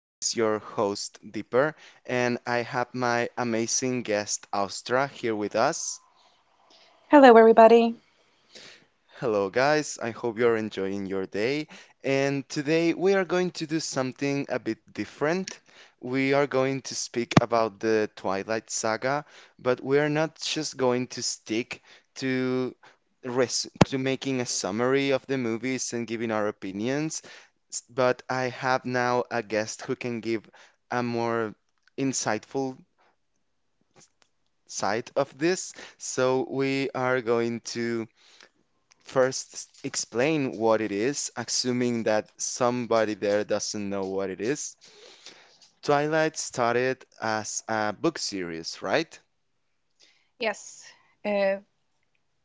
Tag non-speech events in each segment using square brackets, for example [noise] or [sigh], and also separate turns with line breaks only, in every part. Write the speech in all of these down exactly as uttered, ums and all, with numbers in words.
This is your host, Dipper, and I have my amazing guest, Austra, here with us.
Hello, everybody.
Hello, guys. I hope you're enjoying your day. And today we are going to do something a bit different. We are going to speak about the Twilight Saga, but we are not just going to stick to res to making a summary of the movies and giving our opinions. S- but I have now a guest who can give a more insightful side of this. So we are going to first s- explain what it is, assuming that somebody there doesn't know what it is. Twilight started as a book series, right?
Yes, uh,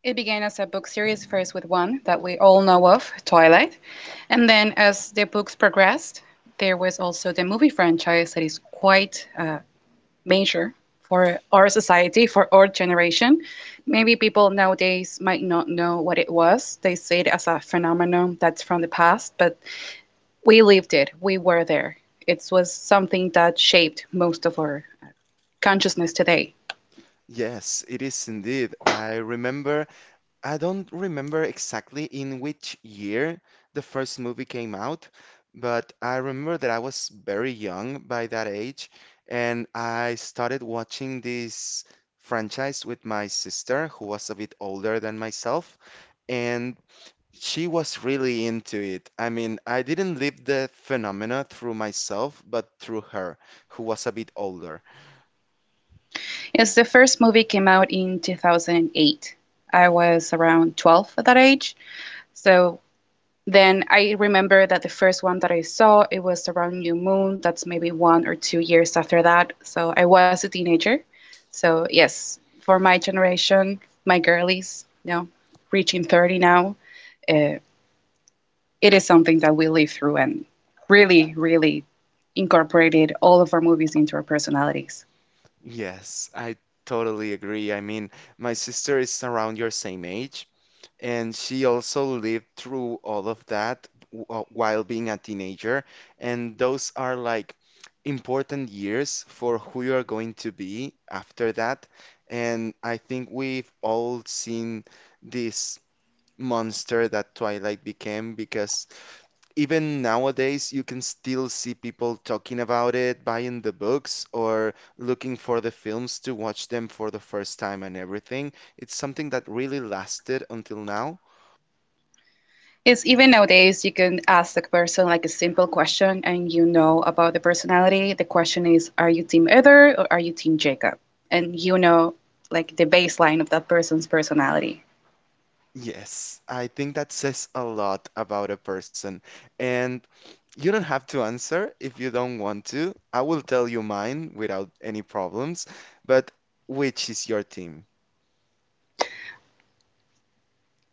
it began as a book series, first with one that we all know of, Twilight. And then as the books progressed, there was also the movie franchise that is quite uh, major for our society, for our generation. Maybe people nowadays might not know what it was. They see it as a phenomenon that's from the past, but we lived it, we were there. It was something that shaped most of our consciousness today.
Yes, it is indeed. I remember I don't remember exactly in which year the first movie came out, but I remember that I was very young by that age, and I started watching this franchise with my sister, who was a bit older than myself, and she was really into it. I mean, I didn't live the phenomena through myself, but through her, who was a bit older.
Yes, the first movie came out in two thousand eight. I was around twelve at that age. So then I remember that the first one that I saw, it was around New Moon. That's maybe one or two years after that. So I was a teenager. So yes, for my generation, my girlies, you know, reaching thirty now, uh, it is something that we live through and really, really incorporated all of our movies into our personalities.
Yes, I totally agree. I mean, my sister is around your same age. And she also lived through all of that w- uh, while being a teenager. And those are like important years for who you are going to be after that. And I think we've all seen this monster that Twilight became because even nowadays you can still see people talking about it, buying the books, or looking for the films to watch them for the first time and everything. It's something that really lasted until now.
Yes, even nowadays, you can ask the person like a simple question and you know about the personality. The question is, are you team Heather or are you team Jacob? And you know like the baseline of that person's personality.
Yes, I think that says a lot about a person. And you don't have to answer if you don't want to. I will tell you mine without any problems. But which is your team?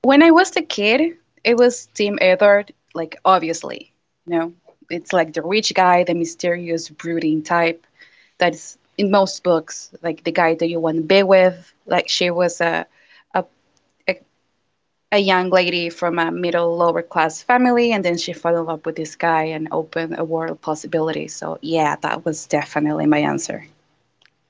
When I was a kid, it was team Heather, like obviously, you know, it's like the rich guy, the mysterious, brooding type that's in most books, like the guy that you want to be with. Like she was a, a, a a young lady from a middle lower class family, and then she fell in love with this guy and opened a world of possibilities. So yeah, that was definitely my answer.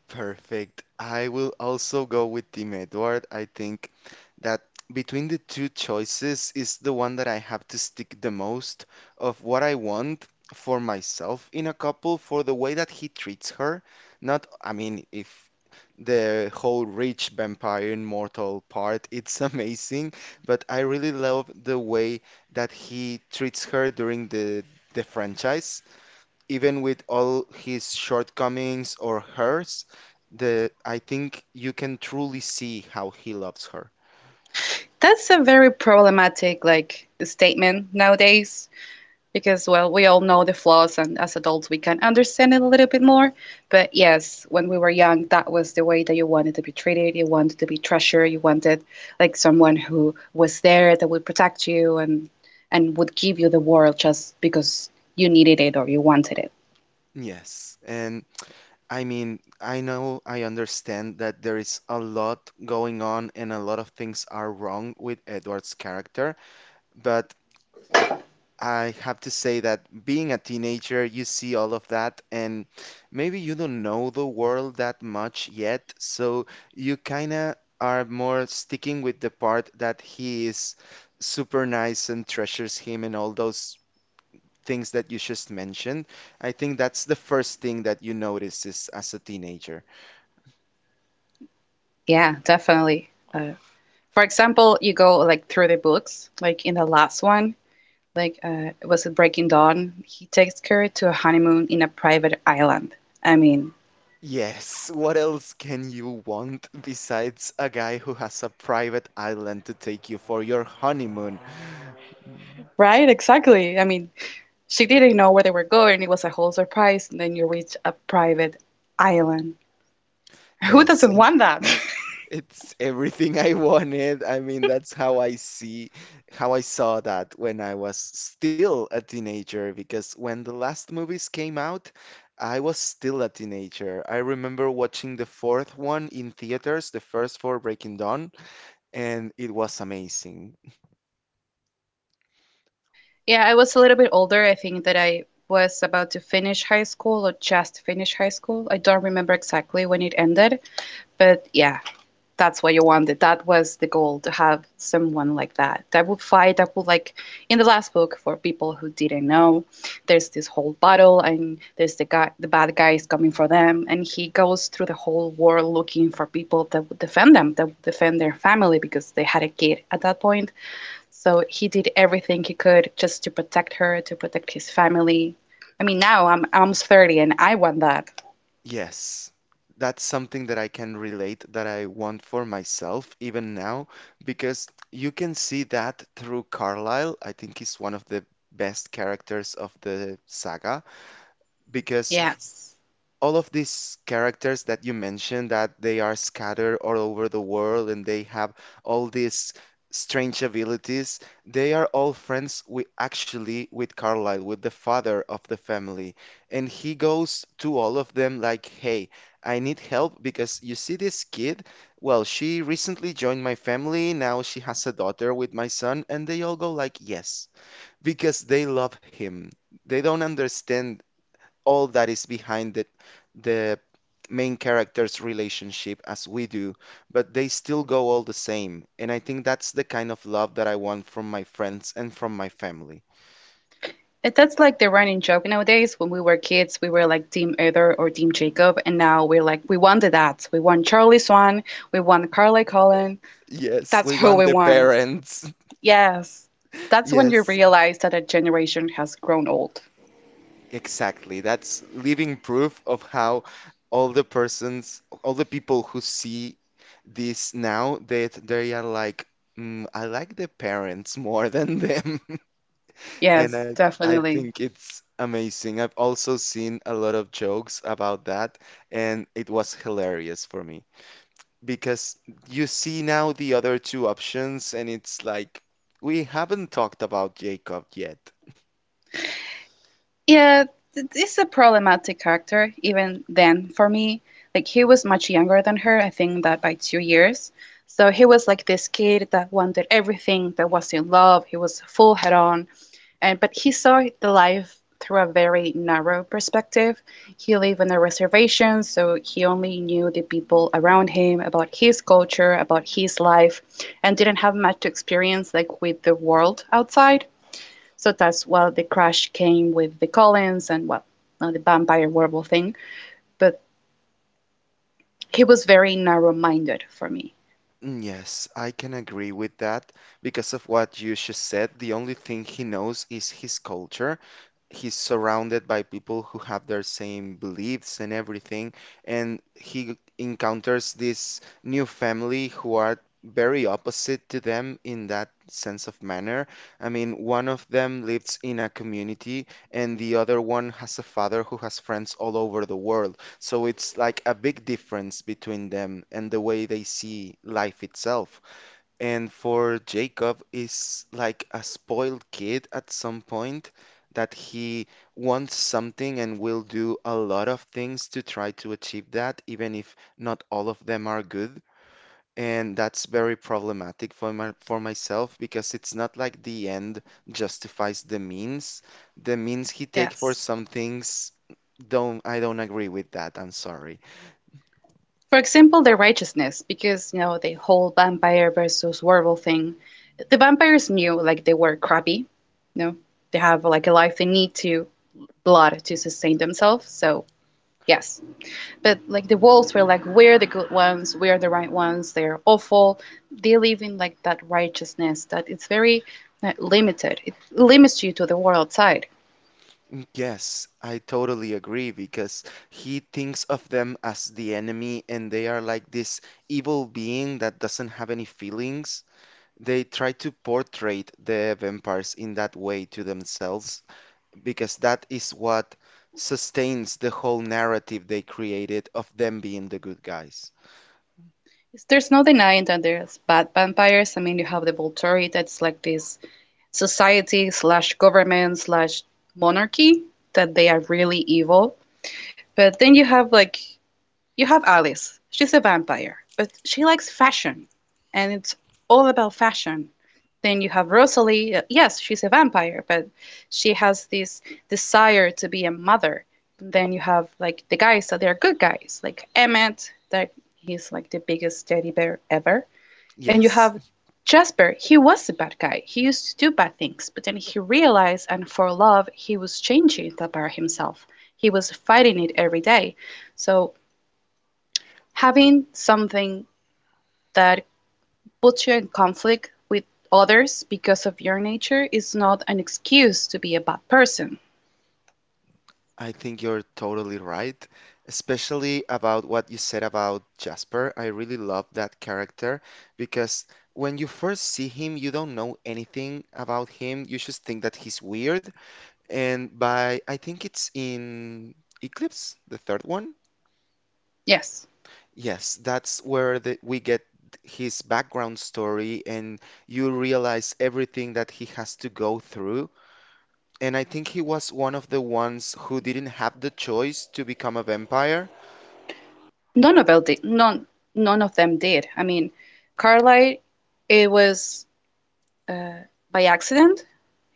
Perfect. I will also go with Team Edward. I think that between the two choices is the one that I have to stick the most of what I want for myself in a couple for the way that he treats her. Not, I mean, if the whole rich vampire immortal part, it's [laughs] amazing, but I really love the way that he treats her during the the franchise even with all his shortcomings or hers, the I think you can truly see how he loves her.
That's a very problematic like statement nowadays, because well, we all know the flaws, and as adults we can understand it a little bit more. But yes, when we were young, that was the way that you wanted to be treated. You wanted to be treasured. You wanted like someone who was there that would protect you, and and would give you the world just because you needed it or you wanted it.
Yes, and I mean, I know I understand that there is a lot going on and a lot of things are wrong with Edward's character, but I have to say that being a teenager, you see all of that, and maybe you don't know the world that much yet, so you kinda are more sticking with the part that he is super nice and treasures him and all those things that you just mentioned. I think that's the first thing that you notice is as a teenager.
Yeah, definitely. uh, for example, you go like through the books, like in the last one, like uh was it Breaking Dawn, he takes her to a honeymoon in a private island. I mean,
Yes, [laughs] what else can you want besides a guy who has a private island to take you for your honeymoon?
right, exactly. I mean, she didn't know where they were going. It was a whole surprise, and then you reach a private island. [laughs] Who
Yes,
doesn't
and.
want that? [laughs]
It's everything I wanted. I mean, that's how I see, how I saw that when I was still a teenager. Because when the last movies came out, I was still a teenager. I remember watching the fourth one in theaters, the first for Breaking Dawn, and it was amazing.
Yeah, I was a little bit older. I think that I was about to finish high school or just finish high school. I don't remember exactly when it ended, but yeah, that's what you wanted. That was the goal, to have someone like that that would fight, that would like in the last book, for people who didn't know, there's this whole battle, and there's the guy, the bad guy is coming for them, and he goes through the whole world looking for people that would defend them, that would defend their family because they had a kid at that point. So he did everything he could just to protect her, to protect his family. I mean now I'm I'm almost thirty and I want that.
Yes, that's something that I can relate that I want for myself even now because you can see that through Carlyle. I think he's one of the best characters of the saga because
Yes.
all of these characters that you mentioned that they are scattered all over the world and they have all these strange abilities, they are all friends with actually with Carlyle, with the father of the family, and he goes to all of them like, hey, I need help because you see this kid, well she recently joined my family, now she has a daughter with my son, and they all go like yes because they love him. They don't understand all that is behind the, the main character's relationship as we do, but they still go all the same. And I think that's the kind of love that I want from my friends and from my family.
It, that's like the running joke nowadays. When we were kids, we were like Team Heather or Team Jacob, and now we're like, we want the dads. We want Charlie Swan. We want Carly Cullen.
Yes,
That's
we
who
want
we
the
want.
parents. [laughs]
Yes. That's when you
Yes,
realize that a generation has grown old.
exactly. That's living proof of how all the persons, all the people who see this now, that they, are like, mm, I like the parents [laughs] more than them. And
Yes,
I I
definitely.
think it's amazing. I've also seen a lot of jokes about that, and it was hilarious for me because you see now the other two options, and it's like we haven't talked about Jacob yet.
Yeah, th- this is a problematic character even then for me. Like he was much younger than her, I think that by two years. So he was like this kid that wanted everything, that was in love, he was full head on, and but he saw the life through a very narrow perspective. He lived on a reservation, so he only knew the people around him, about his culture, about his life, and didn't have much experience like with the world outside. So that's why the crash came with the Collins, and well, not the vampire werewolf thing, but he was very narrow-minded for me.
Mm, yes, I can agree with that because of what you just said. The only thing he knows is his culture. He's surrounded by people who have their same beliefs and everything, and he encounters this new family who are very opposite to them in that sense of manner. I mean, one of them lives in a community, and the other one has a father who has friends all over the world. So it's like a big difference between them and the way they see life itself. And for Jacob is like a spoiled kid at some point that he wants something and will do a lot of things to try to achieve that, even if not all of them are good. And that's very problematic for my, for myself because it's not like the end justifies the means. The means he take for
Yes.
some things don't I don't agree with that. I'm sorry.
For example, their righteousness, because you know the whole vampire versus werewolf thing. The vampires knew like they were crappy, you know, they have like a life, they need to blood to sustain themselves. So yes, but like the wolves were like, we're the good ones, we're the right ones. They're awful. They live in like that righteousness that it's very uh, limited. It limits you to the world outside.
Yes, I totally agree because he thinks of them as the enemy and they are like this evil being that doesn't have any feelings. They try to portray the vampires in that way to themselves because that is what sustains the whole narrative they created of them being the good guys.
There's no denying that there's bad vampires. I mean, you have the Volturi, that's like this society slash government slash monarchy that they are really evil. But then you have like you have Alice. She's a vampire, but she likes fashion, and it's all about fashion. Then you have Rosalie. uh, Yes, she's a vampire, but she has this desire to be a mother. And then you have like the guys that so they're good guys, like Emmett, that he's like the biggest teddy bear ever, and you
Yes.
have Jasper. He was a bad guy. He used to do bad things, but then he realized and for love, he was changing it about himself. He was fighting it every day. So having something that puts you in conflict with others because of your nature is not an excuse to be a bad person.
I think you're totally right, especially about what you said about Jasper. I really love that character because when you first see him, you don't know anything about him. You just think that he's weird. And by, I think it's in Eclipse, the third one.
Yes.
Yes, that's where the, we get his background story and you realize everything that he has to go through. And I think he was one of the ones who didn't have the choice to become a vampire.
None of them did. None, none of them did. I mean, Carlyle, it was by accident.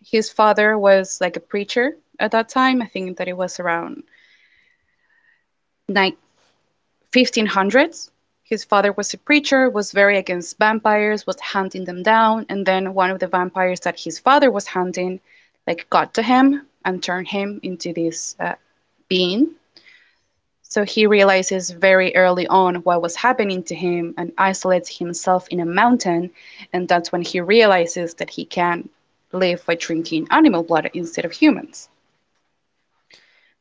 His father was like a preacher at that time. I think that it was around like fifteen hundreds. His father was a preacher, was very against vampires, was hunting them down, and then one of the vampires that his father was hunting like got to him and turned him into this uh, being. So he realizes very early on what was happening to him and isolates himself in a mountain, and that's when he realizes that he can live by drinking animal blood instead of humans.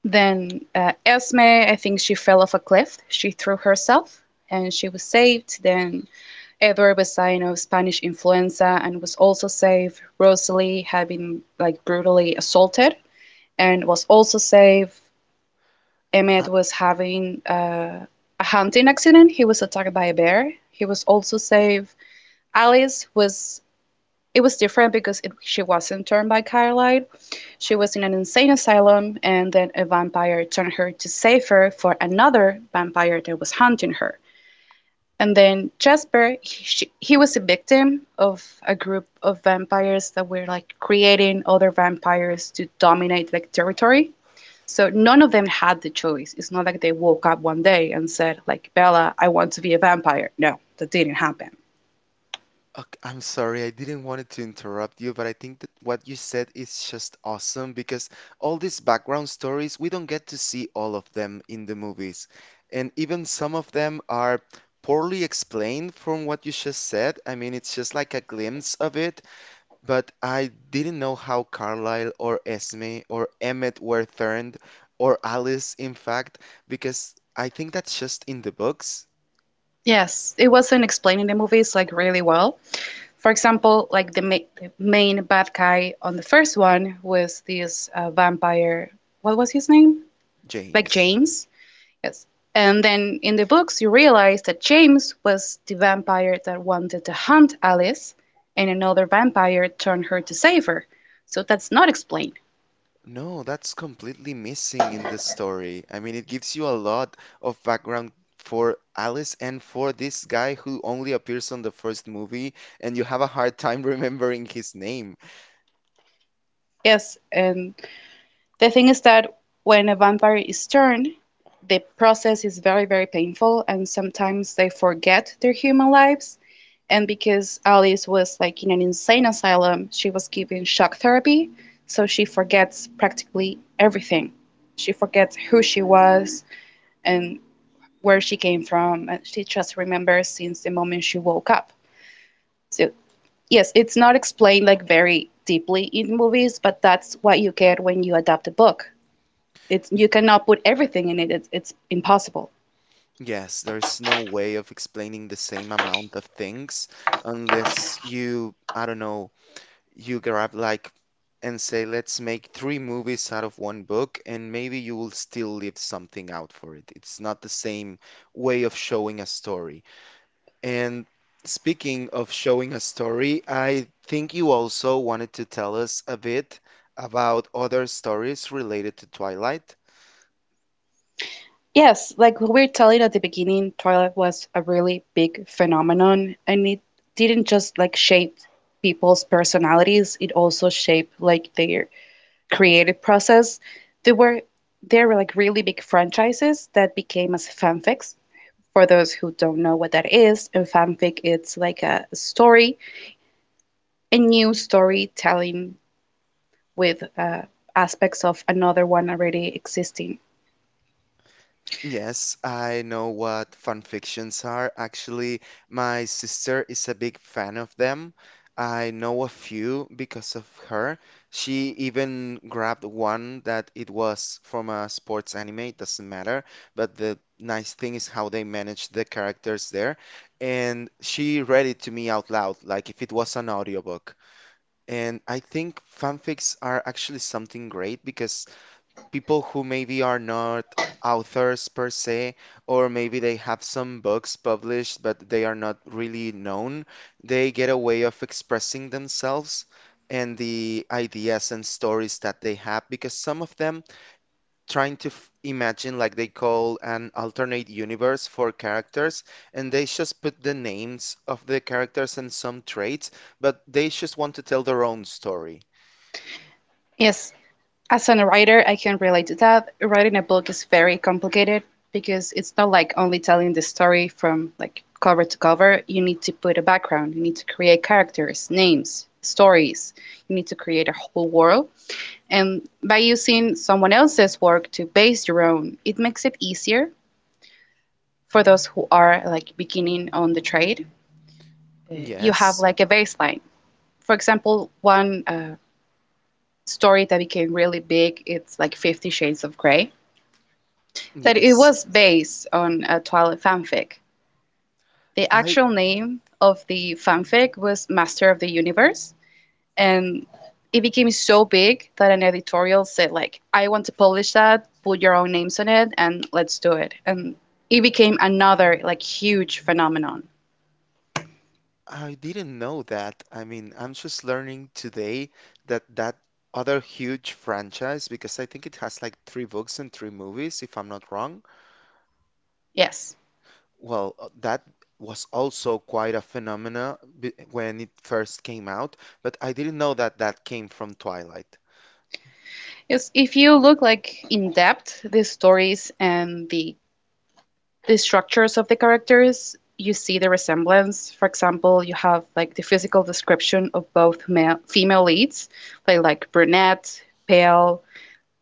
Then uh, Esme, I think she fell off a cliff. She threw herself and she was saved. Then Edward was dying of Spanish influenza and was also saved. Rosalie had been like brutally assaulted and was also saved. Emmett
Uh,
was having uh, a hunting accident. He was attacked by a bear. He was also saved. Alice was It was different because it, she wasn't turned by Caroline. She was in an insane asylum, and then a vampire turned her to save her for another vampire that was hunting her. And then Jasper, he, she, he was a victim of a group of vampires that were like creating other vampires to dominate like territory. So none of them had the choice. It's not like they woke up one day and said, like, Bella, I want to be a vampire. No, that didn't happen.
ok- I'm sorry, I didn't wanted to interrupt you, but I think that what you said is just awesome because all these background stories, we don't get to see all of them in the movies. And even some of them are poorly explained from what you just said. I mean, it's just like a glimpse of it, but I didn't know how Carlisle or Esme or Emmett were turned, or Alice, in fact, because I think that's just in the books.
Yes, it wasn't explaining the movies like really well. For example, like the, ma- the main bad guy on the first one was this uh, vampire. What was his name? Like
James.
James. Yes. And then in the books, you realize that James was the vampire that wanted to hunt Alice, and another vampire turned her to save her. So that's not explained.
No, that's completely missing in the story. I mean, it gives you a lot of background for Alice and for this guy who only appears on the first movie, and you have a hard time [laughs] remembering his name.
Yes, and the thing is that when a vampire is turned, the process is very, very painful, and sometimes they forget their human lives. And because Alice was like in an insane asylum, she was given shock therapy, so she forgets practically everything. She forgets who she was and where she came from, and she just remembers since the moment she woke up. So, yes, it's not explained like very deeply in movies, but that's what you get when you adapt a book. It's you cannot put everything in it. It's it's impossible.
Yes, there's no way of explaining the same amount of things unless you, I don't know, you grab like and say, let's make three movies out of one book, and maybe you will still leave something out for it. It's not the same way of showing a story. And speaking of showing a story, I think you also wanted to tell us a bit about other stories related to Twilight.
Yes, like we were telling at the beginning, Twilight was a really big phenomenon, and it didn't just like shape people's personalities, it also shaped like their creative process. There were there were like really big franchises that became as fanfics. For those who don't know what that is, in fanfic it's like a story, a new storytelling with uh, aspects of another one already existing.
Yes, I know what fan fictions are. Actually, my sister is a big fan of them. I know a few because of her. She even grabbed one that it was from a sports anime, it doesn't matter, but the nice thing is how they manage the characters there. And she read it to me out loud, like if it was an audiobook. And I think fanfics are actually something great because people who maybe are not authors per se, or maybe they have some books published, but they are not really known, they get a way of expressing themselves and the ideas and stories that they have because some of them trying to f- imagine like they call an alternate universe for characters and they just put the names of the characters and some traits but they just want to tell their own story.
Yes, as a writer, I can relate to that. Writing a book is very complicated because it's not like only telling the story from like cover to cover. You need to put a background, you need to create characters, names, stories. You need to create a whole world. And by using someone else's work to base your own, it makes it easier for those who are like beginning on the trade. You have
Yes.
like a baseline. For example, one uh, story that became really big, it's like fifty Shades of Grey that it
yes
was based on a Twilight fanfic. The
i
actual name of the fanfic was Master of the Universe, and it became so big that an editorial said like, "I want to publish that. Put your own names on it, and let's do it." And it became another like huge phenomenon.
I didn't know that. I mean, I'm just learning today that that other huge franchise, because I think it has like three books and three movies, if I'm not wrong.
Yes.
Well, uh, that was also quite a phenomena b- when it first came out, but I didn't know that that came from Twilight.
Yes, if you look like in depth the stories and the the structures of the characters, you see the resemblance. For example, you have like the physical description of both male, female leads, like like brunette, pale,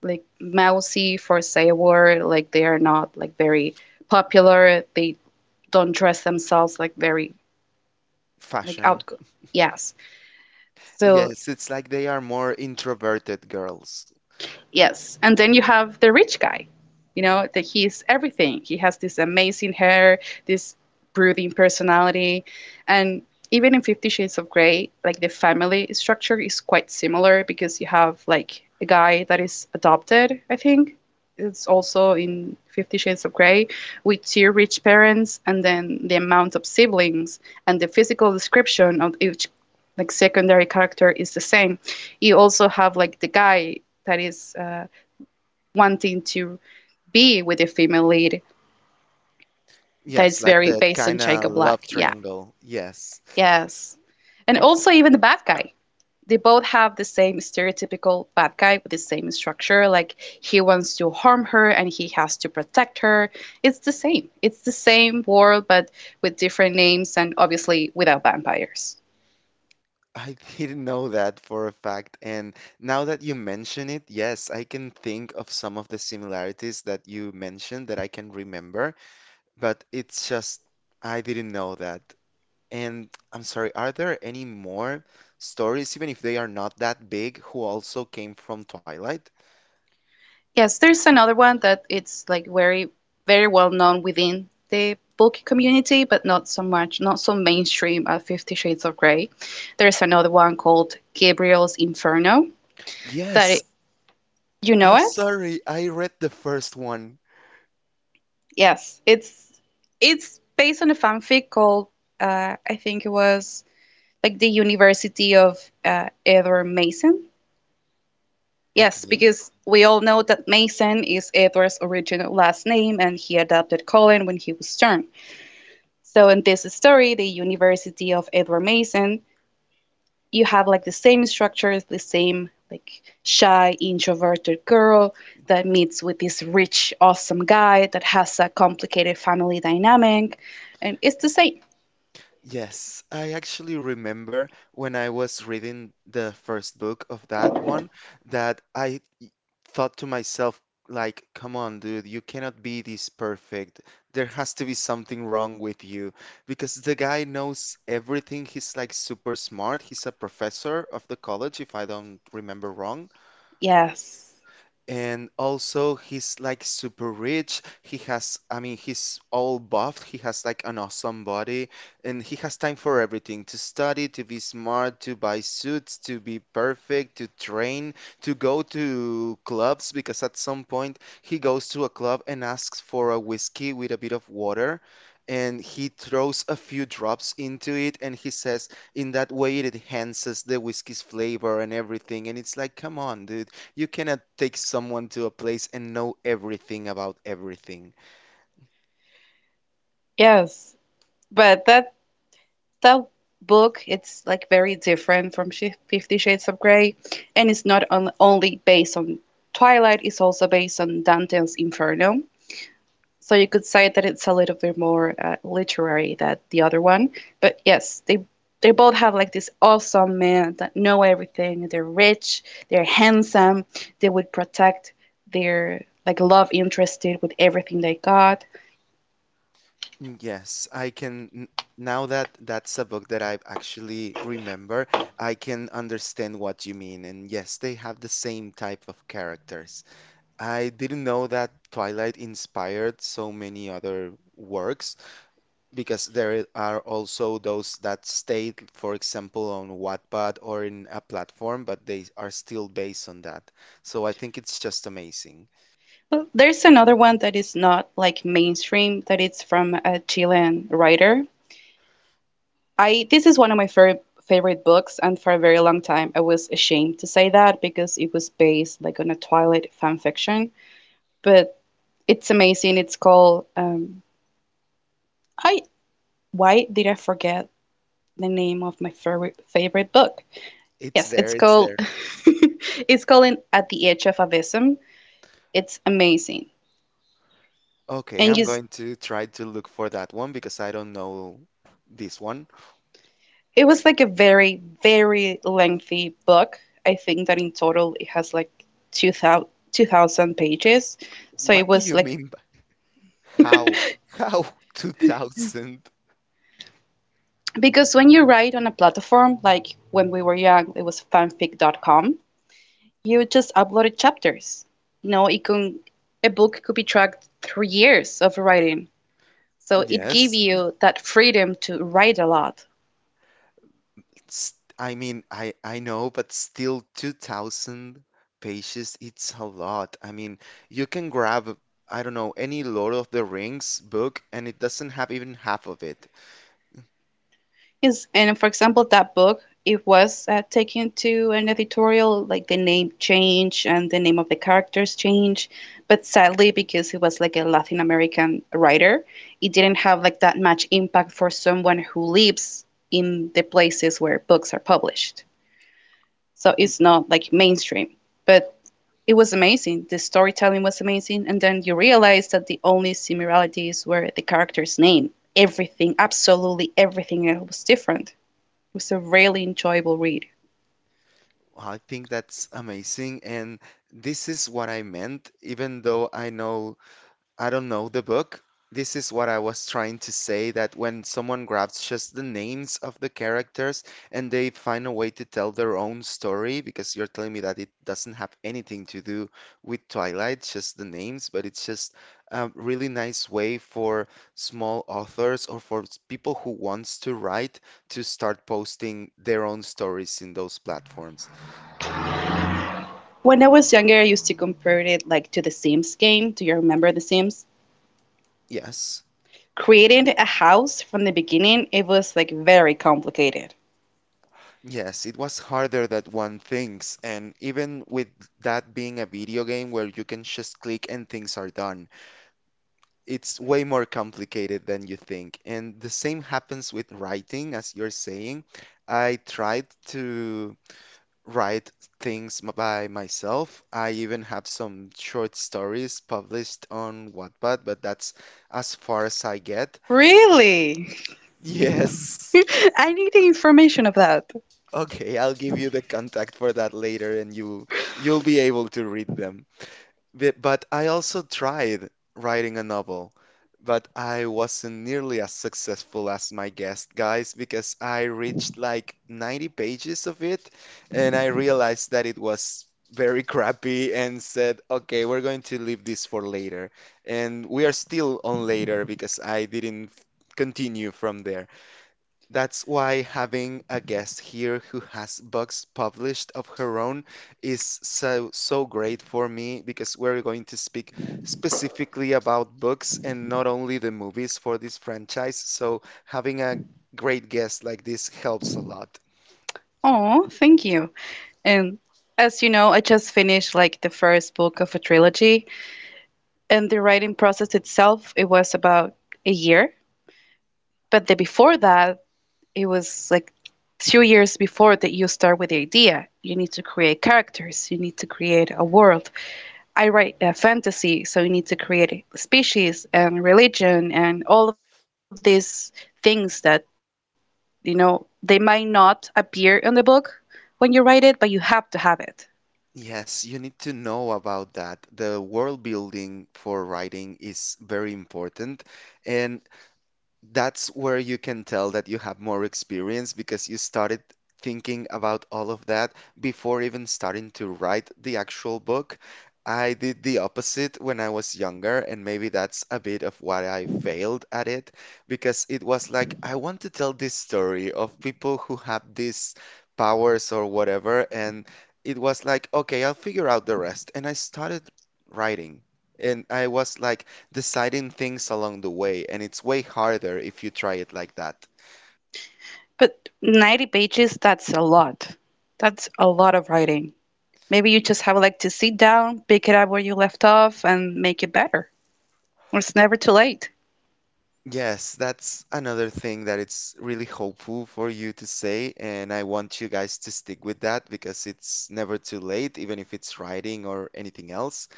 like mousy for say a word, like they are not like very popular. They don't dress themselves like very like
Fashion.
out. Yes. So
Yes, it's like they are more introverted girls.
yes. And then you have the rich guy, you know, that he's everything. He has this amazing hair, this brooding personality. And even in Fifty Shades of Grey, like the family structure is quite similar because you have like a guy that is adopted, I think. It's also in Fifty Shades of Grey with two rich parents, and then the amount of siblings and the physical description of each like secondary character is the same. You also have like the guy that is uh, wanting to be with the female lead,
Yes,
that's
like
very
that
based on
kind of
Jacob Black.
love
Yeah,
triangle. Yes.
yes. And also, even the bad guy. They both have the same stereotypical bad guy with the same structure. Like, he wants to harm her and he has to protect her. It's the same. It's the same world, but with different names and obviously without vampires.
I didn't know that for a fact. And now that you mention it, yes, I can think of some of the similarities that you mentioned that I can remember, but it's just I didn't know that. And I'm sorry, are there any more stories, even if they are not that big, who also came from Twilight?
Yes, there's another one that it's like very, very well known within the book community, but not so much, not so mainstream as Fifty Shades of Grey. There's another one called Gabriel's Inferno, that
Yes,
it, you
I'm
know it?
sorry, I read the first one.
Yes, it's it's based on a fanfic called uh, I think it was like the University of uh, Edward Mason. Yes,
Okay.
because we all know that Mason is Edward's original last name, and he adopted Colin when he was Stern. So in this story, the University of Edward Mason, you have like the same structures, the same like shy, introverted girl that meets with this rich, awesome guy that has a complicated family dynamic, and it's the same.
Yes, I actually remember when I was reading the first book of that one that I thought to myself, like, come on, dude, you cannot be this perfect. There has to be something wrong with you. Because the guy knows everything. He's like super smart. He's a professor of the college, if I don't remember wrong.
Yes,
And also, he's like super rich. He has, I mean, he's all buffed. He has like an awesome body. And he has time for everything to study, to be smart, to buy suits, to be perfect, to train, to go to clubs. Because at some point, he goes to a club and asks for a whiskey with a bit of water. And he throws a few drops into it. And he says, in that way, it enhances the whiskey's flavor and everything. And it's like, come on, dude. You cannot take someone to a place and know everything about everything.
yes, but that that book it's like very different from Sh- Fifty Shades of Grey, and it's not on, only based on Twilight; it's also based on Dante's Inferno. So you could say that it's a little bit more uh, literary than the other one. But yes, they they both have like this awesome men that know everything. They're rich, they're handsome, they would protect their like love interested with everything they got.
Mm, yes, I can. n- Now that that's a book that I actually remember, I can understand what you mean. And yes, they have the same type of characters. I didn't know that Twilight inspired so many other works because there are also those that stayed, for example, on Wattpad or in a platform, but they are still based on that. So I think it's just amazing.
Well, there's another one that is not like mainstream, that it's from a Chilean writer. I, this is one of my favorite favorite books, and for a very long time I was ashamed to say that because it was based like on a Twilight fan fiction. But it's amazing. It's called um, I, why did I forget the name of my favorite favorite book?
It's
Yes,
there,
it's
it's
called
there.
[laughs] it's called At the Edge of Abyssm. It's amazing.
Okay,
And
I'm
just
going to try to look for that one because I don't know this one.
it was like a very very lengthy book. I think that in total it has like two thousand pages. So it
What do you
was like,
mean by how? How [laughs] two thousand?
because when you write on a platform like when we were young, it was fanfic dot com. You just uploaded chapters. You know, it can, a book could be tracked through years of writing. So it gave
Yes,
you that freedom to write a lot.
s- I mean, I I know, but still two thousand pages, it's a lot. I mean, you can grab, I don't know, any Lord of the Rings book and it doesn't have even half of it.
Yes, and for example, that book, it was uh, taken to an editorial, like the name change and the name of the characters change. But sadly, because he was like a Latin American writer, it didn't have like that much impact for someone who lives in the places where books are published. So
Mm,
it's not like mainstream. But it was amazing. The storytelling was amazing, and then you realize that the only similarities were the character's name. Everything, absolutely everything else was different. It was a really enjoyable read.
I think that's amazing, and this is what I meant, even though I know I don't know the book. This is what I was trying to say that when someone grabs just the names of the characters and they find a way to tell their own story, because you're telling me that it doesn't have anything to do with Twilight, just the names, but it's just a really nice way for small authors or for s- people who wants to write to start posting their own stories in those platforms.
When I was younger, I used to compare it like to the Sims game. Do you remember the Sims?
Yes.
Creating a house from the beginning, it was like very complicated.
Yes, it was harder than one thinks, and even with that being a video game where you can just click and things are done, it's way more complicated than you think. And the same happens with writing, as you're saying. I tried to write things m- by myself. I even have some short stories published on Wattpad, but that's as far as I get.
Really?
[laughs] Yes.
[laughs] I need the information of that.
Okay, I'll give you the contact for that later and you you'll be able to read them. But, but I also tried writing a novel, but I wasn't nearly as successful as my guest guys because I reached like ninety pages of it and I realized that it was very crappy and said, "Okay, we're going to leave this for later." And we are still on later because I didn't continue from there. That's why having a guest here who has books published of her own is so so great for me because we're going to speak specifically about books and not only the movies for this franchise. So having a great guest like this helps a lot.
Oh, thank you. And as you know, I just finished like the first book of a trilogy, and the writing process itself it was about a year, but the before that it was like two years before that. You start with the idea, you need to create characters, you need to create a world. I write a fantasy, so you need to create a species and religion and all of these things that, you know, they might not appear in the book when you write it, but you have to have it.
Yes, you need to know about that. The world building for writing is very important, and that's where you can tell that you have more experience because you started thinking about all of that before even starting to write the actual book. I did the opposite when I was younger, and maybe that's a bit of why I failed at it because it was like, I want to tell this story of people who have these powers or whatever, and it was like, okay, I'll figure out the rest. And I started writing, and I was like, deciding things along the way, and it's way harder if you try it like that.
But ninety pages, that's a lot, that's a lot of writing. Maybe you just have like to sit down, pick it up where you left off, and make it better. It's never too late.
Yes, that's another thing that it's really hopeful for you to say, and I want you guys to stick with that because it's never too late, even if it's writing or anything else.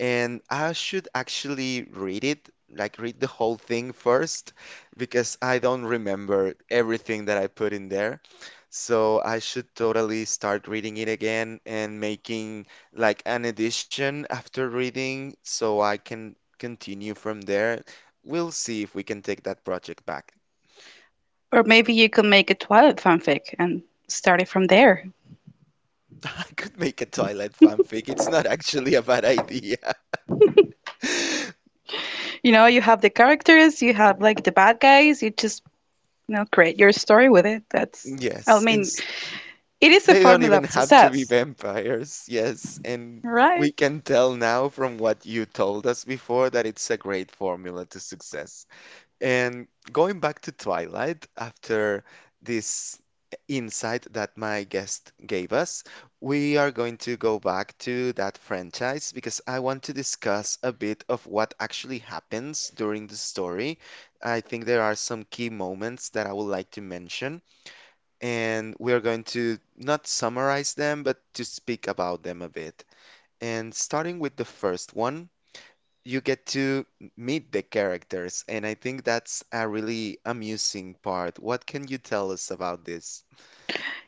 And I should actually read it, like read the whole thing first, because I don't remember everything that I put in there. So I should totally start reading it again and making like an edition after reading so I can continue from there. We'll see if we can take that project back.
Or maybe you can make a Twilight fanfic and start it from there.
[laughs] I could make a Twilight fanfic. It's not actually a bad idea. [laughs]
You know, you have the characters, you have like the bad guys, you just, you know, create your story with it. That's, I
Yes,
mean,
ins
it is a
they don't
formula
even
of
have to be
success,
vampires. Yes, and
right?
we can tell now from what you told us before that it's a great formula to success. And going back to Twilight, after this insight that my guest gave us, we are going to go back to that franchise because I want to discuss a bit of what actually happens during the story. I think there are some key moments that I would like to mention, and we are going to not summarize them, but to speak about them a bit. And starting with the first one, you get to meet the characters, and I think that's a really amusing part. What can you tell us about this?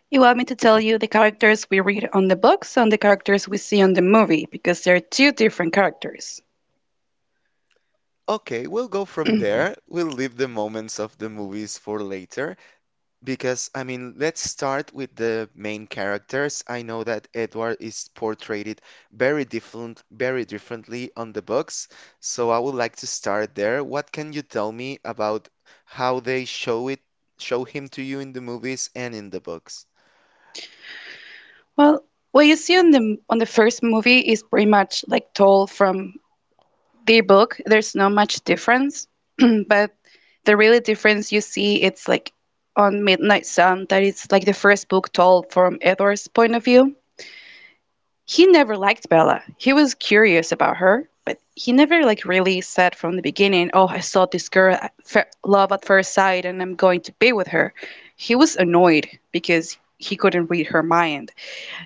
You want me to tell you the characters we read on the books and the characters we see on the movie, because they're two different characters.
Okay, we'll go from there. We'll leave the moments of the movies for later because, I mean, let's start with the main characters. I know that Edward is portrayed very different, very differently on the books, so I would like to start there. What can you tell me about how they show it, show him to you in the movies and in the books?
Well, what you see on the on the first movie is pretty much like told from the book, there's not much difference, [clears throat] but the really difference you see it's like on Midnight Sun, that it's like the first book told from Edward's point of view. He never liked Bella. He was curious about her, but he never like really said from the beginning, "Oh, I saw this girl, love at first sight and I'm going to be with her." He was annoyed because he couldn't read her mind.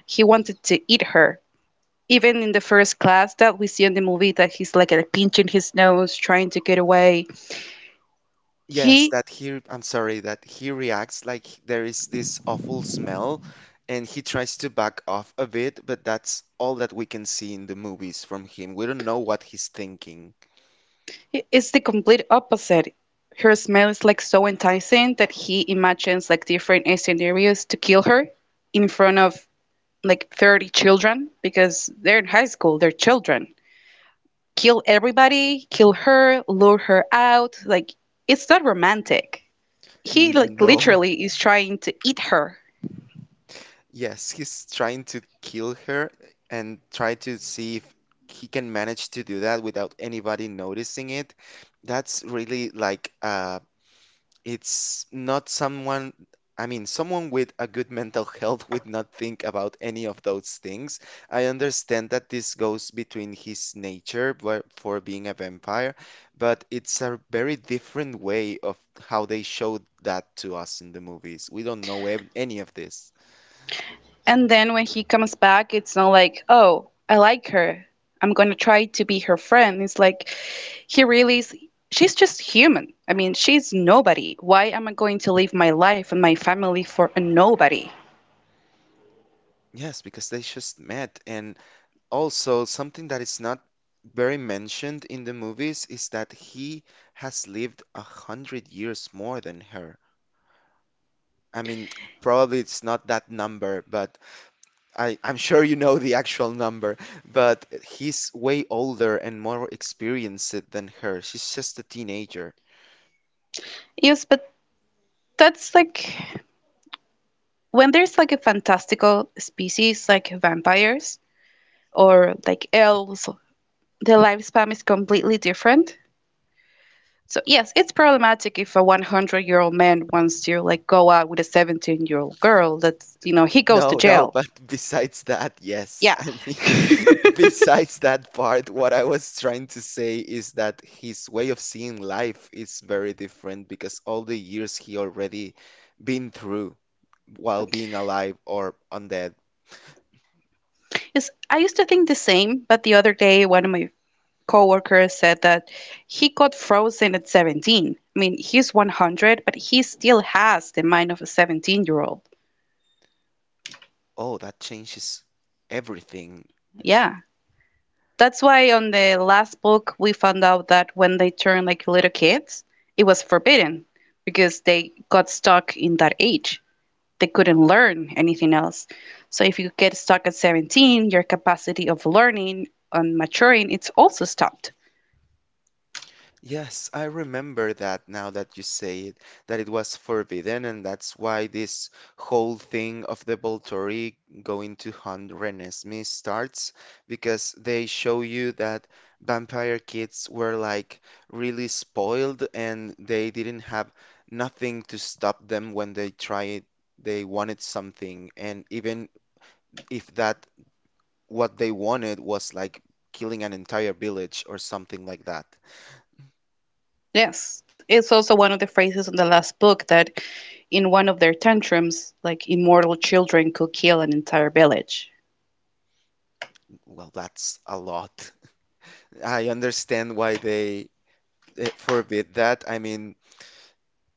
He wanted to eat her, even in the first class that we see in the movie that he's like uh, pinching his nose trying to get away.
Yes,
He
that he, I'm sorry, that he reacts like h- there is this awful smell and he tries to back off a bit, but that's all that we can see in the movies from him. We don't know what he's thinking.
is the complete opposite. Her smell is like so enticing that he imagines like different scenarios to kill her, in front of like thirty children, because they're in high school, they're children. Kill everybody, kill her, lure her out, like it's not romantic, he
N-
like
No. [laughs]
literally is trying to eat her.
Yes, he's trying to kill her and try to see if he can manage to do that without anybody noticing it. That's really like a it's not someone, I mean, someone with a good mental [laughs] health would not think about any of those things. I understand that this goes between his nature but for being a vampire, but it's a very different way of how they showed that to us in the movies. We don't know ev- any of this.
And then when he comes back, it's not like, oh, I like her. I'm going to try to be her friend. It's like he really is, she's just human. I mean, she's nobody. Why am I going to live my life and my family for a nobody?
Yes, because they just met. And also, something that is not very mentioned in the movies is that he has lived a hundred years more than her. I mean, probably it's not that number, but I, I'm sure you know the actual number. But he's way older and more experienced than her. She's just a teenager.
Yes, but that's like when there's like a fantastical species like vampires or like elves, the lifespan is completely different. So yes, it's problematic if a one hundred-year-old man wants to like go out with a seventeen-year-old girl. That's, you know, he goes to
No, no, [laughs]
jail.
but besides that, yes.
Yeah.
I mean, [laughs]
[laughs]
besides that part, what I was trying to say is that his way of seeing life is very different because all the years he already been through while being alive or undead,
Yes, I used to think the same, but the other day one of my coworkers said that he got frozen at seventeen. I mean, he's one hundred, but he still has the mind of a seventeen-year-old.
oh, that changes everything.
Yeah. That's why on the last book we found out that when they turn like little kids, it was forbidden because they got stuck in that age. They couldn't learn anything else. So if you get stuck at seventeen, your capacity of learning and maturing it's also stopped.
Yes, I remember that now that you say it, that it was forbidden, and that's why this whole thing of the Volturi going to hunt Renesmee starts, because they show you that vampire kids were like really spoiled and they didn't have nothing to stop them when they tried, they wanted something, and even if that what they wanted was like killing an entire village or something like that.
Yes, it's also one of the phrases in the last book that in one of their tantrums, like immortal children could kill an entire village.
Well, that's a lot. [laughs] I understand why they eh, forbid that. I mean,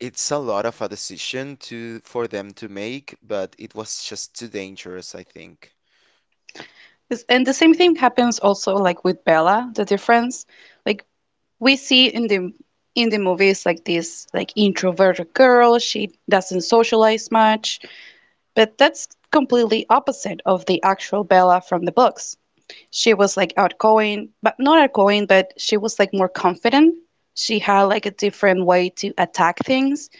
it's a lot of a decision to for them to make, but it was just too dangerous, I think.
And the same thing happens also like with Bella, the difference like we see in the in the movies like this like introverted girl, she doesn't socialize much. But that's completely opposite of the actual Bella from the books. She was like outgoing, but not outgoing, but she was like more confident. She had like a different way to attack things,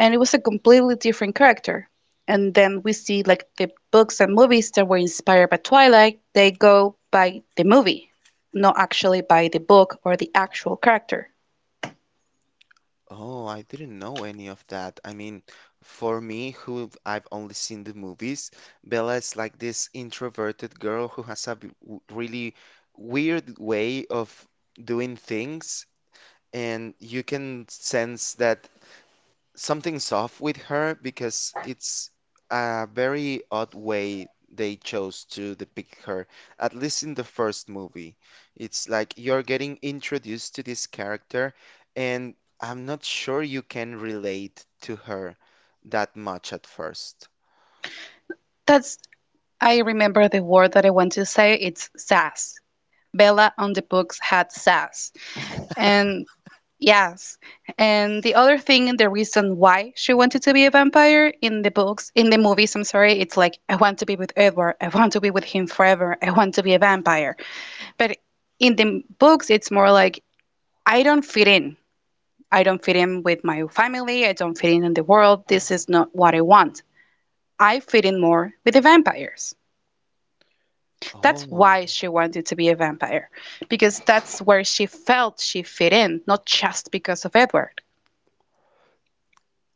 and it was a completely different character. And then we see like the books and movies that were inspired by Twilight, they go by the movie, not actually by the book or the actual character.
Oh, I didn't know any of that. I mean, for me, who I've only seen the movies, Bella is like this introverted girl who has a b- w- really weird way of doing things, and you can sense that something's off with her because it's a very odd way they chose to depict her, at least in the first movie. It's like you're getting introduced to this character, and I'm not sure you can relate to her that much at first.
That's, I remember the word that I want to say, it's sass. Bella on the books had sass. And yes. And the other thing, the reason why she wanted to be a vampire in the books, in the movies, I'm sorry, it's like, I want to be with Edward. I want to be with him forever. I want to be a vampire. But in the books, it's more like, I don't fit in. I don't fit in with my family. I don't fit in in the world. This is not what I want. I fit in more with the vampires. That's
Oh,
why she wanted to be a vampire, because that's where she felt she fit in, not just because of Edward.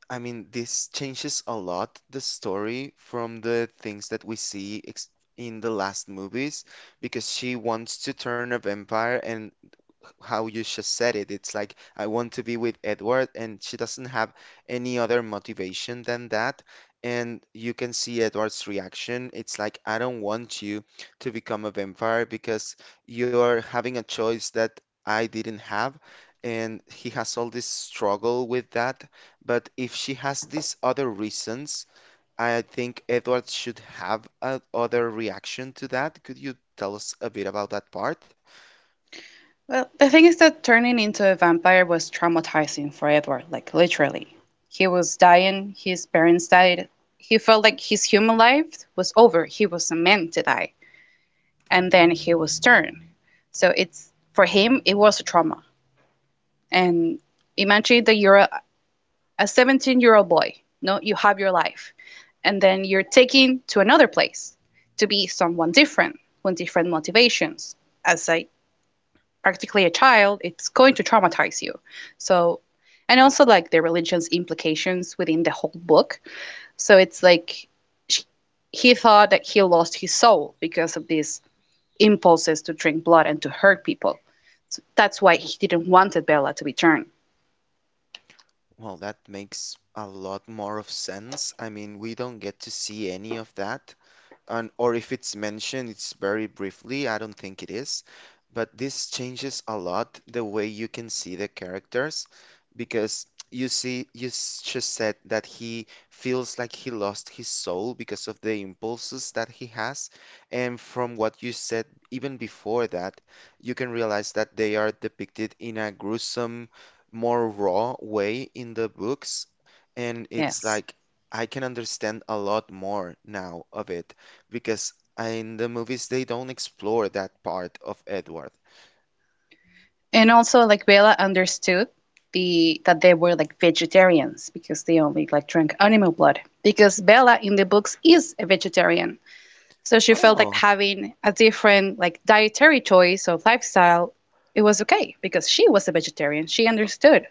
I mean, this changes a lot the story from the things that we see ex in the last movies because she wants to turn a vampire, and how you just said it. It's like, I want to be with Edward, and she doesn't have any other motivation than that. And you can see Edward's reaction. It's like, I don't want you to become a vampire because you're having a choice that I didn't have. And he has all this struggle with that. But if she has these other reasons, I think Edward should have a other reaction to that. Could you tell us a bit about that part?
Well, the thing is that turning into a vampire was traumatizing for Edward, like literally. He was dying, his parents died. He felt like his human life was over. He was meant to die. And then he was turned. So it's, for him it was a trauma. And imagine that you're a a seventeen year old boy. No, you have your life. And then you're taken to another place to be someone different with different motivations as a practically a child, it's going to traumatize you. So, and also like the religion's implications within the whole book. So it's like sh he thought that he lost his soul because of these impulses to drink blood and to hurt people. So that's why he didn't wanted Bella to return.
Well, that makes a lot more of sense. I mean, we don't get to see any of that and or if it's mentioned, it's very briefly. I don't think it is, but this changes a lot the way you can see the characters because you see, you s- just said that he feels like he lost his soul because of the impulses that he has, and from what you said even before that, you can realize that they are depicted in a gruesome, more raw way in the books and it's
Yes.
like I can understand a lot more now of it because in the movies they don't explore that part of Edward.
And also like Bella understood the that they were like vegetarians because they only like drank animal blood. Because Bella in the books is a vegetarian. So she felt like
Oh,
having a different like dietary choice or lifestyle, it was okay because she was a vegetarian. She understood.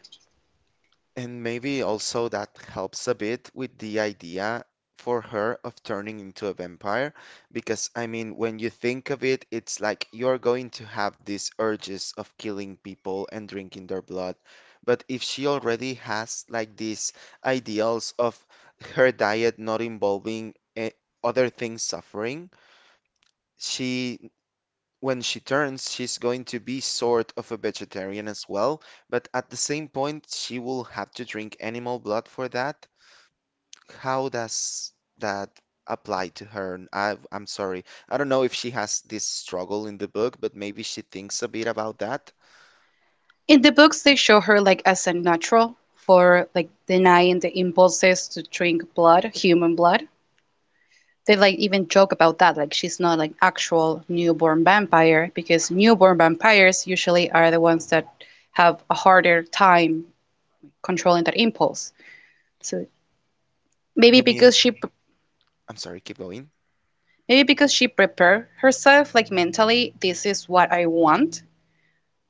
and maybe also that helps a bit with the idea for her of turning into a vampire. Because, I mean, when you think of it, it's like you're going to have these urges of killing people and drinking their blood. But if she already has like these ideals of her diet not involving eh, other things suffering, she when she turns, she's going to be sort of a vegetarian as well, but at the same point, she will have to drink animal blood for that. How does that apply to her? And I, I'm sorry. I don't know if she has this struggle in the book, but maybe she thinks a bit about that.
In the books, they show her like as a natural for like denying the impulses to drink blood, human blood. They like even joke about that, like she's not like actual newborn vampire because newborn vampires usually are the ones that have a harder time controlling that impulse. So maybe
You mean,
because she
I'm sorry, keep going.
Maybe because she prepared herself, like mentally, this is what I want.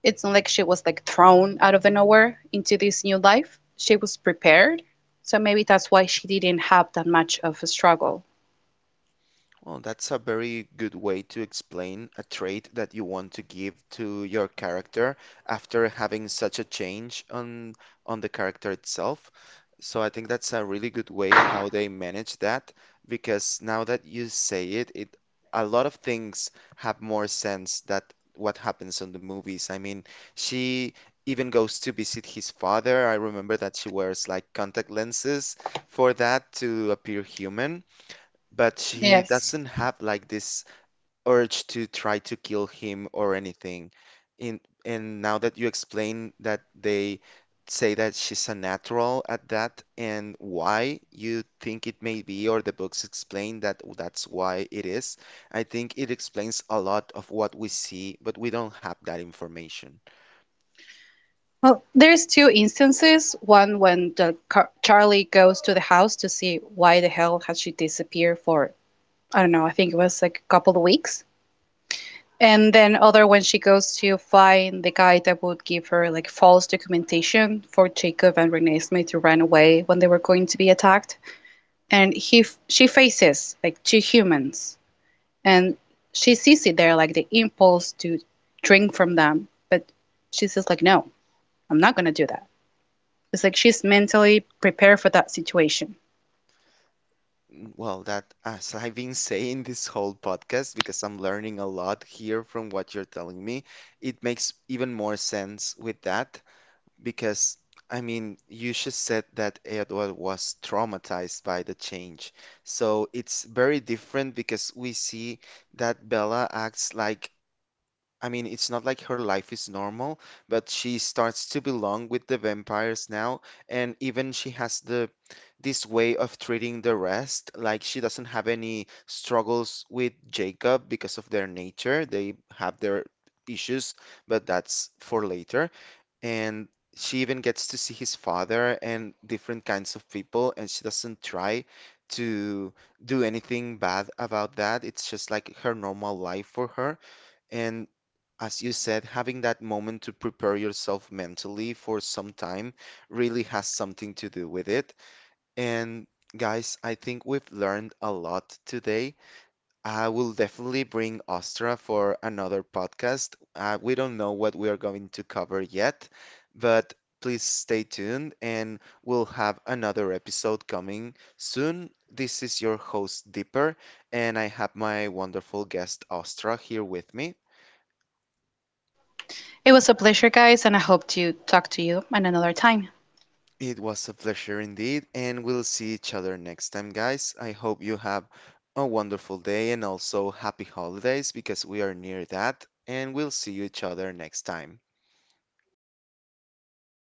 It's not like she was like thrown out of the nowhere into this new life. She was prepared. So maybe that's why she didn't have that much of a struggle.
Well, that's a very good way to explain a trait that you want to give to your character after having such a change on on the character itself. So I think that's a really good way how they manage that because now that you say it, it a lot of things have more sense that what happens on the movies. I mean, she even goes to visit his father. I remember that she wears like contact lenses for that to appear human. But she
Yes.
doesn't have like this urge to try to kill him or anything. In and now that you explain that they say that she's a natural at that and why you think it may be, or the books explain that that's why it is, I think it explains a lot of what we see, but we don't have that information.
Well, there's two instances. One when the car Charlie goes to the house to see why the hell had she disappeared for, I don't know, I think it was like a couple of weeks. And then other when she goes to find the guy that would give her like false documentation for Jacob and Renee Smith to run away when they were going to be attacked. And he she faces like two humans, and she sees it there like the impulse to drink from them, but she says like no, I'm not gonna do that. It's like she's mentally prepared for that situation.
Well, that as I've been saying this whole podcast, because I'm learning a lot here from what you're telling me, it makes even more sense with that. Because, I mean, you just said that Edward was traumatized by the change. So it's very different because we see that Bella acts like I mean, it's not like her life is normal, but she starts to belong with the vampires now, and even she has the this way of treating the rest. Like she doesn't have any struggles with Jacob because of their nature. They have their issues, but that's for later. And she even gets to see his father and different kinds of people, and she doesn't try to do anything bad about that. It's just like her normal life for her. And as you said, having that moment to prepare yourself mentally for some time really has something to do with it. And guys, I think we've learned a lot today. I will definitely bring Ostra for another podcast. Uh, we don't know what we are going to cover yet, but please stay tuned and we'll have another episode coming soon. This is your host, Dipper, and I have my wonderful guest, Ostra, here with me.
It was a pleasure guys and I hope to talk to you on another time.
It was a pleasure indeed, and we'll see each other next time, guys. I hope you have a wonderful day and also happy holidays because we are near that, and we'll see each other next time.